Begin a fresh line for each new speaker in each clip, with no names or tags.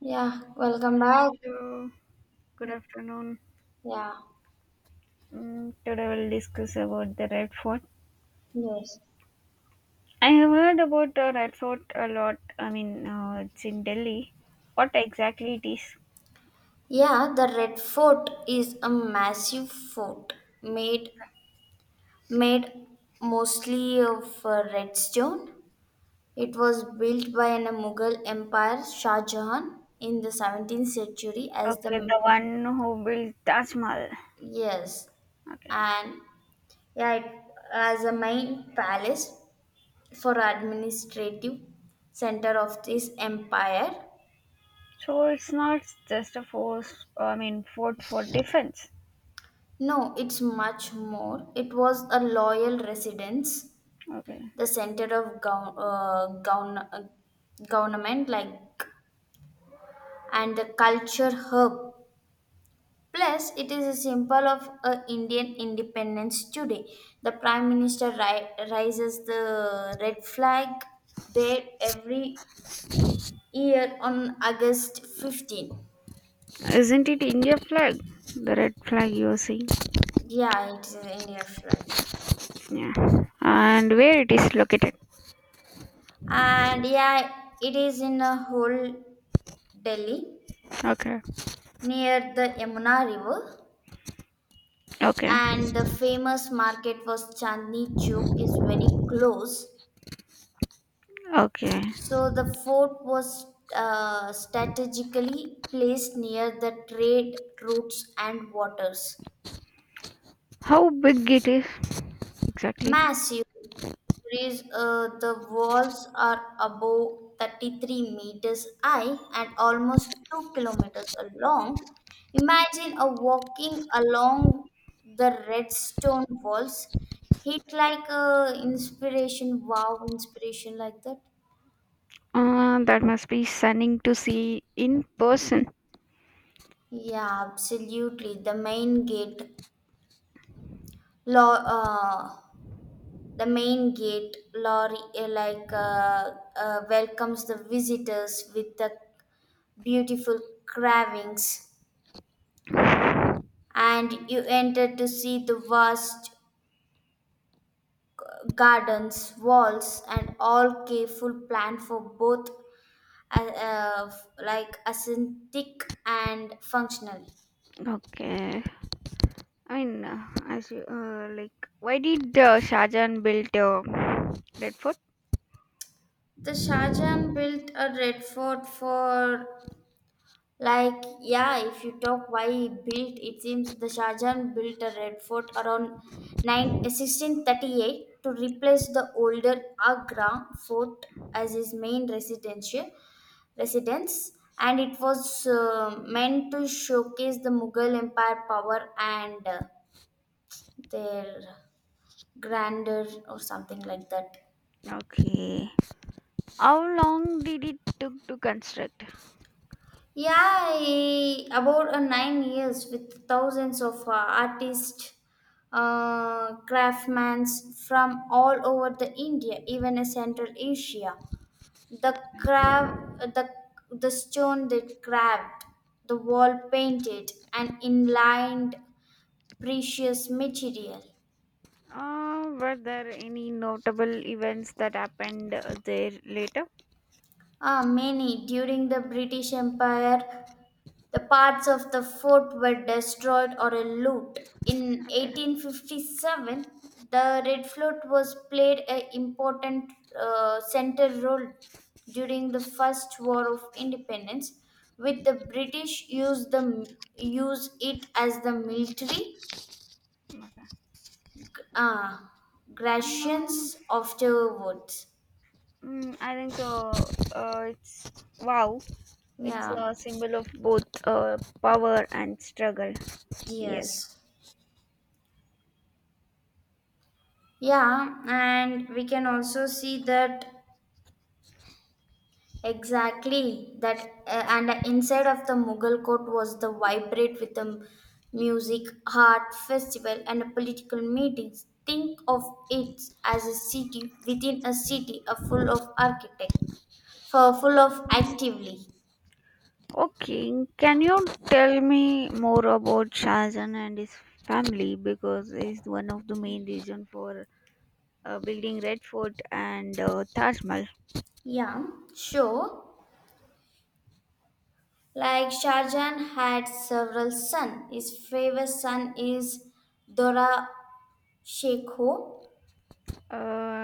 Yeah, welcome back.
Hello, good afternoon.
Yeah,
Today we'll discuss about the Red Fort.
yes.
I have heard about the Red Fort a lot. I mean, it's in Delhi. What exactly it is?
Yeah, the Red Fort is a massive fort made made mostly of red stone. It was built by an Mughal Empire Shah Jahan in the 17th century as
Okay,
the,
the one who built Taj Mahal.
yes,
Okay,
and yeah, it, as a main palace for administrative center of this empire.
so it's not just a force. I mean, fort for defense.
No, it's much more. It was a loyal residence,
Okay,
the center of government, like, and the culture hub. Plus, it is a symbol of Indian independence today. The prime minister raises the red flag there every year on August 15th.
isn't it India flag? The red flag you're seeing.
Yeah, it is India flag.
Yeah, and where it is located?
And yeah, it is in a whole Delhi,
Okay,
near the Yamuna River,
okay,
and the famous market was Chandni Chowk is very close.
okay.
So the fort was strategically placed near the trade routes and waters.
How big it is exactly?
Massive is the walls are above 33 meters high and almost 2 kilometers long. Imagine a walking along the red stone walls, hit like inspiration, wow, inspiration like that.
That must be stunning to see in person.
Yeah, absolutely. Lo- uh, The main gate lorry welcomes the visitors with the beautiful carvings, and you enter to see the vast gardens, walls, and all careful planned for both uh, uh, like aesthetic and functional.
Okay. I mean, as you, like, why did Shahjahan build Red Fort?
The Shah Jahan built a red fort for, like, yeah, if you talk why he built, it seems the Shah Jahan built a red fort around 9, 1638 to replace the older Agra fort as his main residential residence, and it was meant to showcase the Mughal Empire power and their grandeur or something like that.
Okay. How long did it took to construct?
Yeah, about 9 years with thousands of artists, craftsmen from all over the India, even Central Asia. The crab, the the stone they carved, the wall painted, and inlined precious material.
Were there any notable events that happened there later?
Ah, many. During the British Empire, the parts of the fort were destroyed or looted. In
Okay,
1857, the Red Fort was played an important center role during the First War of Independence, with the British used the use it as the military
okay.
uh,
Um,
garrisons afterwards.
I think it's wow. It's
Yeah.
a symbol of both power and struggle. Yes.
Yes. Yeah, and we can also see that exactly that and the inside of the Mughal court was the vibrate with the music, art, festival, and political meetings. Think of it as a city within a city, a full of architect, for full of actively.
Okay, can you tell me more about Shahjahan and his family because he's one of the main reason for building Red Fort and Taj Mahal.
Yeah, sure. Like Shahjahan had several sons. His favorite son is Dora Shekho.
Uh,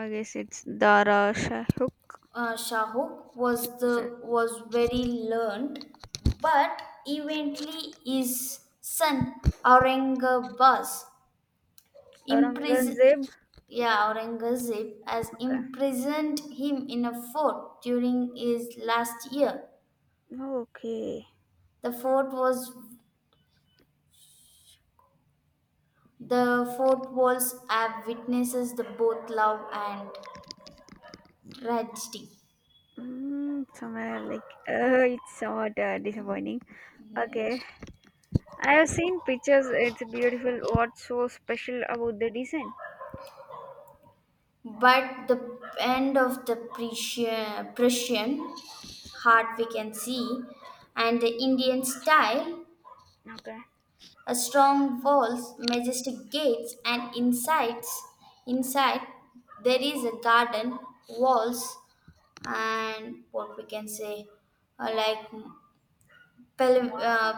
I guess it's Dara Shahukh.
Shahuk was
Okay.
the was very learned, but eventually his son Aurangabas imprisoned,
Aurangzeb.
yeah, Aurangzeb has
Okay.
imprisoned him in a fort during his last year.
Okay.
The fort was the fort walls have witnesses the both love and tragedy.
Mm, somewhere like it's somewhat disappointing. Okay,
Yes.
I have seen pictures. It's beautiful. What's so special about the design?
But the end of the Prussian
Oh,
heart we can see, and the Indian style,
okay.
a strong walls, majestic gates, and insides. Inside there is a garden, walls, and what we can say, like, pel-
Mo-
uh,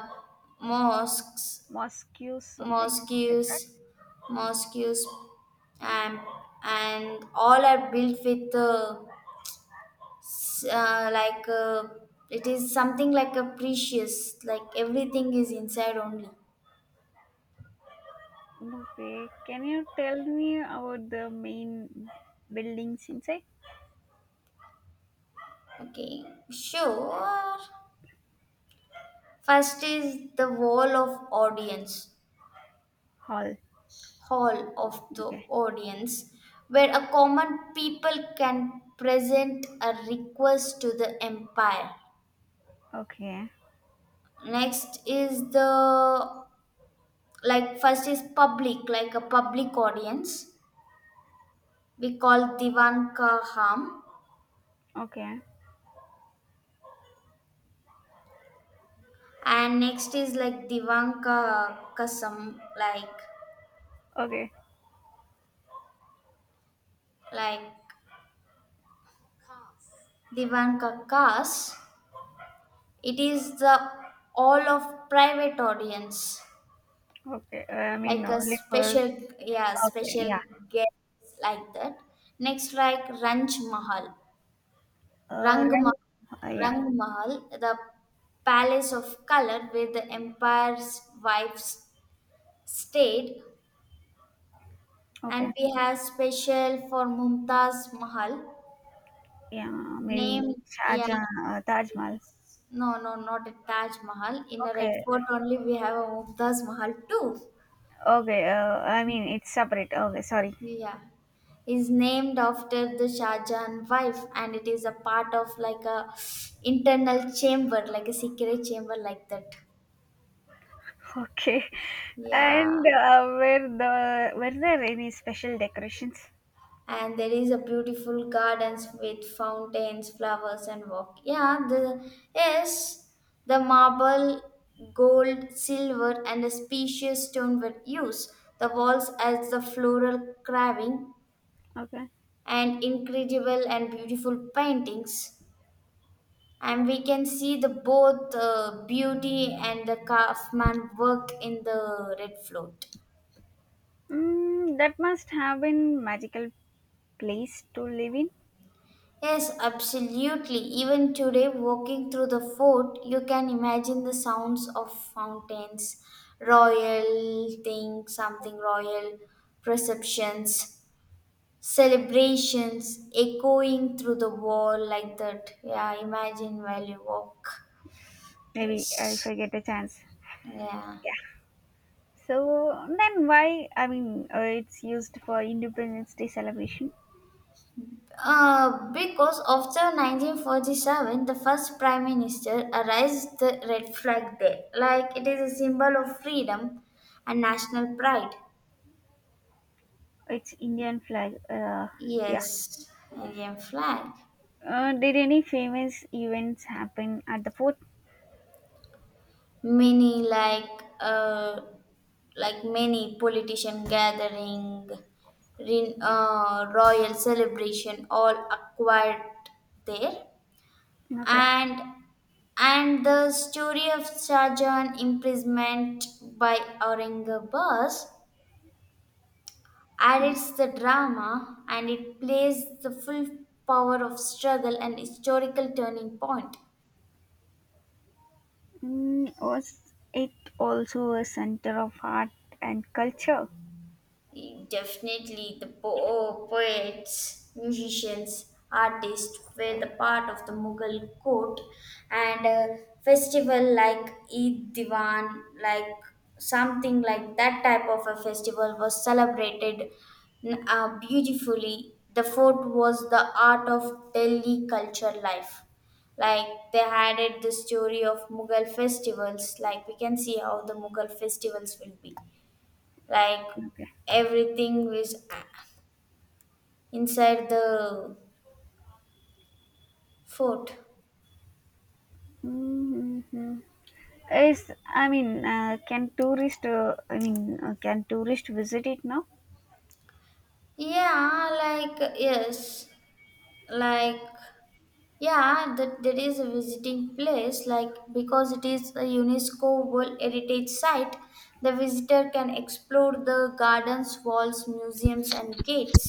mosques,
Mosque something, like
mosques, mosques, and and all are built with. Uh, like uh, it is something like a precious, like everything is inside only.
okay, can you tell me about the main buildings inside
Okay, sure. First is the wall of audience
hall?
hall of the
Okay,
audience, where a common people can present a request to the empire.
okay,
Next is the, like, first is public, like a public audience, we call divan ka ham,
okay,
and next is like Divanka Kasam, like
okay,
like Divanka Kas. It is the all of private audience,
okay. I mean,
like a
only for
special, yeah,
okay, yeah.
special guest like that. Next like Ranj Mahal, Rang
Then,
Mahal,
yeah,
The palace of color where the empire's wives stayed, and
okay,
we have special for Mumtaz Mahal,
yeah. Maybe
named, yeah.
Shahjahan, Taj Mahal.
No, no, not at Taj Mahal. In a red
Okay,
fort only we have a Mumtaz Mahal too.
okay. I mean, it's separate. Okay, sorry.
Yeah. Is named after the Shah Jahan wife and it is a part of like a internal chamber, like a secret chamber like that.
Okay,
Yeah.
and were there any special decorations?
And there is a beautiful gardens with fountains, flowers and walk. Yeah, the, yes, the marble, gold, silver and a specious stone were used. The walls as the floral carving
Okay.
and incredible and beautiful paintings. And we can see the both beauty and the craftsman work in the red fort.
Mm, that must have been magical place to live in.
Yes, absolutely. Even today, walking through the fort, you can imagine the sounds of fountains, royal thing, something royal, perceptions, celebrations echoing through the wall like that. Yeah, imagine while you walk.
Maybe if
Yes.
I get a chance.
Yeah.
Yeah. So then why? I mean, it's used for Independence Day celebration.
Because after 1947, the first prime minister raised the red flag there, like it is a symbol of freedom and national pride.
It's Indian flag. Yeah.
Yes, Indian flag.
Did any famous events happen at the fort?
Many like many politician gathering, royal celebration, all acquired there.
Okay.
and and the story of Shahjahan imprisonment by Aurangabad
Mm,
adds the drama and it plays the full power of struggle and historical turning point.
mm, was it also a center of art and culture?
Definitely, the poets, musicians, artists were the part of the Mughal court, and a festival like Eid Diwan, like something like that type of a festival, was celebrated, beautifully. The fort was the art of Delhi culture life. Like they added the story of Mughal festivals, like we can see how the Mughal festivals will be, like
Okay.
everything was inside the fort.
Mm-hmm. Is I mean, can tourist? I mean, can tourist visit it now?
Yeah, like, yes, like, yeah, that there is a visiting place, like, because it is a UNESCO world heritage site, the visitor can explore the gardens, walls, museums and gates.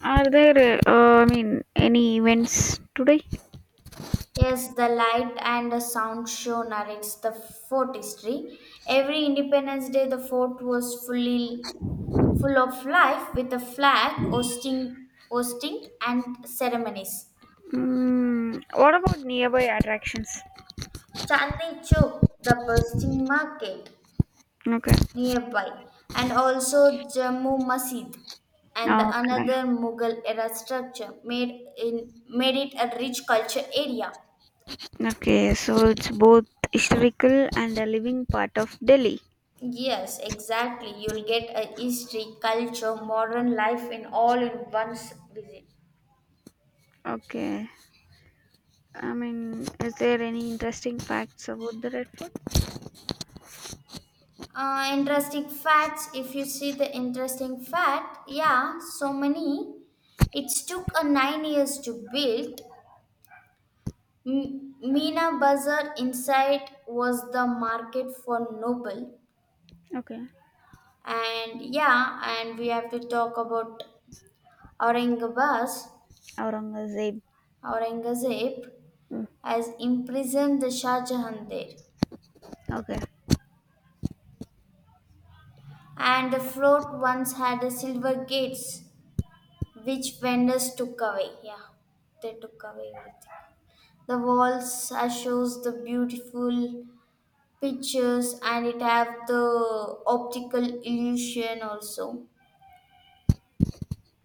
Are there? I mean, any events today?
Yes, the light and the sound show narrates the fort history. Every Independence Day, the fort was full of life with a flag hosting, and ceremonies.
Mm, what about nearby attractions?
Chandni Chowk, the bursting market
Okay.
nearby, and also Jammu Masjid and the
Okay.
another Mughal era structure made it a rich culture area.
Okay, so it's both historical and a living part of Delhi.
Yes, exactly. You'll get a history, culture, modern life in all in one's visit.
Okay. I mean, is there any interesting facts about the Red Fort?
Interesting facts. If you see the interesting fact, yeah, so many. It took a 9 years to build. Meena Bazaar inside was the market for noble,
Okay.
and yeah, and we have to talk about Aurangabas,
Aurangzeb.
Aurangzeb,
Mm,
has imprisoned the Shah Jahan there,
okay.
and the fort once had a silver gates, which vendors took away. Yeah, they took away everything. The walls shows the beautiful pictures and it have the optical illusion also.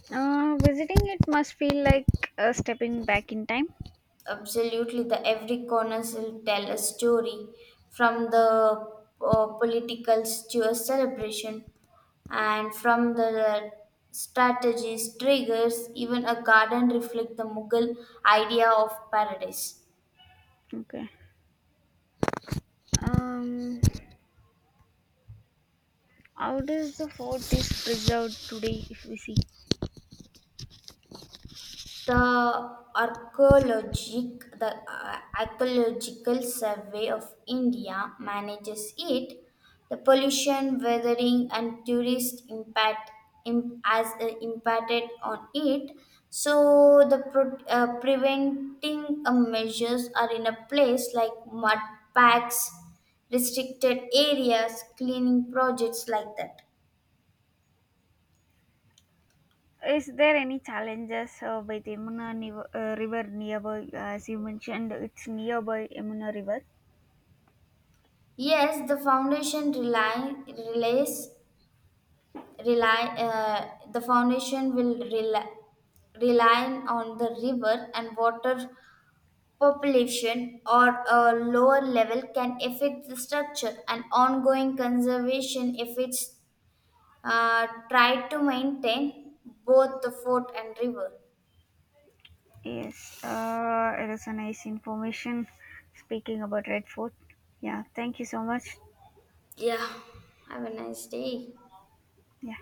Visiting it must feel like stepping back in time.
Absolutely, the every corner will tell a story from the politicals to a celebration and from the strategies, triggers, even a garden reflect the Mughal idea of paradise.
Okay. Um, how does the fort is preserved today if we see?
The archaeological survey of India manages it. The pollution, weathering, and tourist impact im- as impacted on it. So the preventing measures are in a place like mud packs, restricted areas, cleaning projects like that.
Is there any challenges with Yamuna River nearby? As you mentioned, it's nearby Yamuna River.
Yes, the foundation will rely on the river and water population or a lower level can affect the structure and ongoing conservation if it's tried to maintain both the fort and river.
Yes, it is a nice information speaking about Red Fort. Yeah, thank you so much.
Yeah, have a nice day.
Yeah.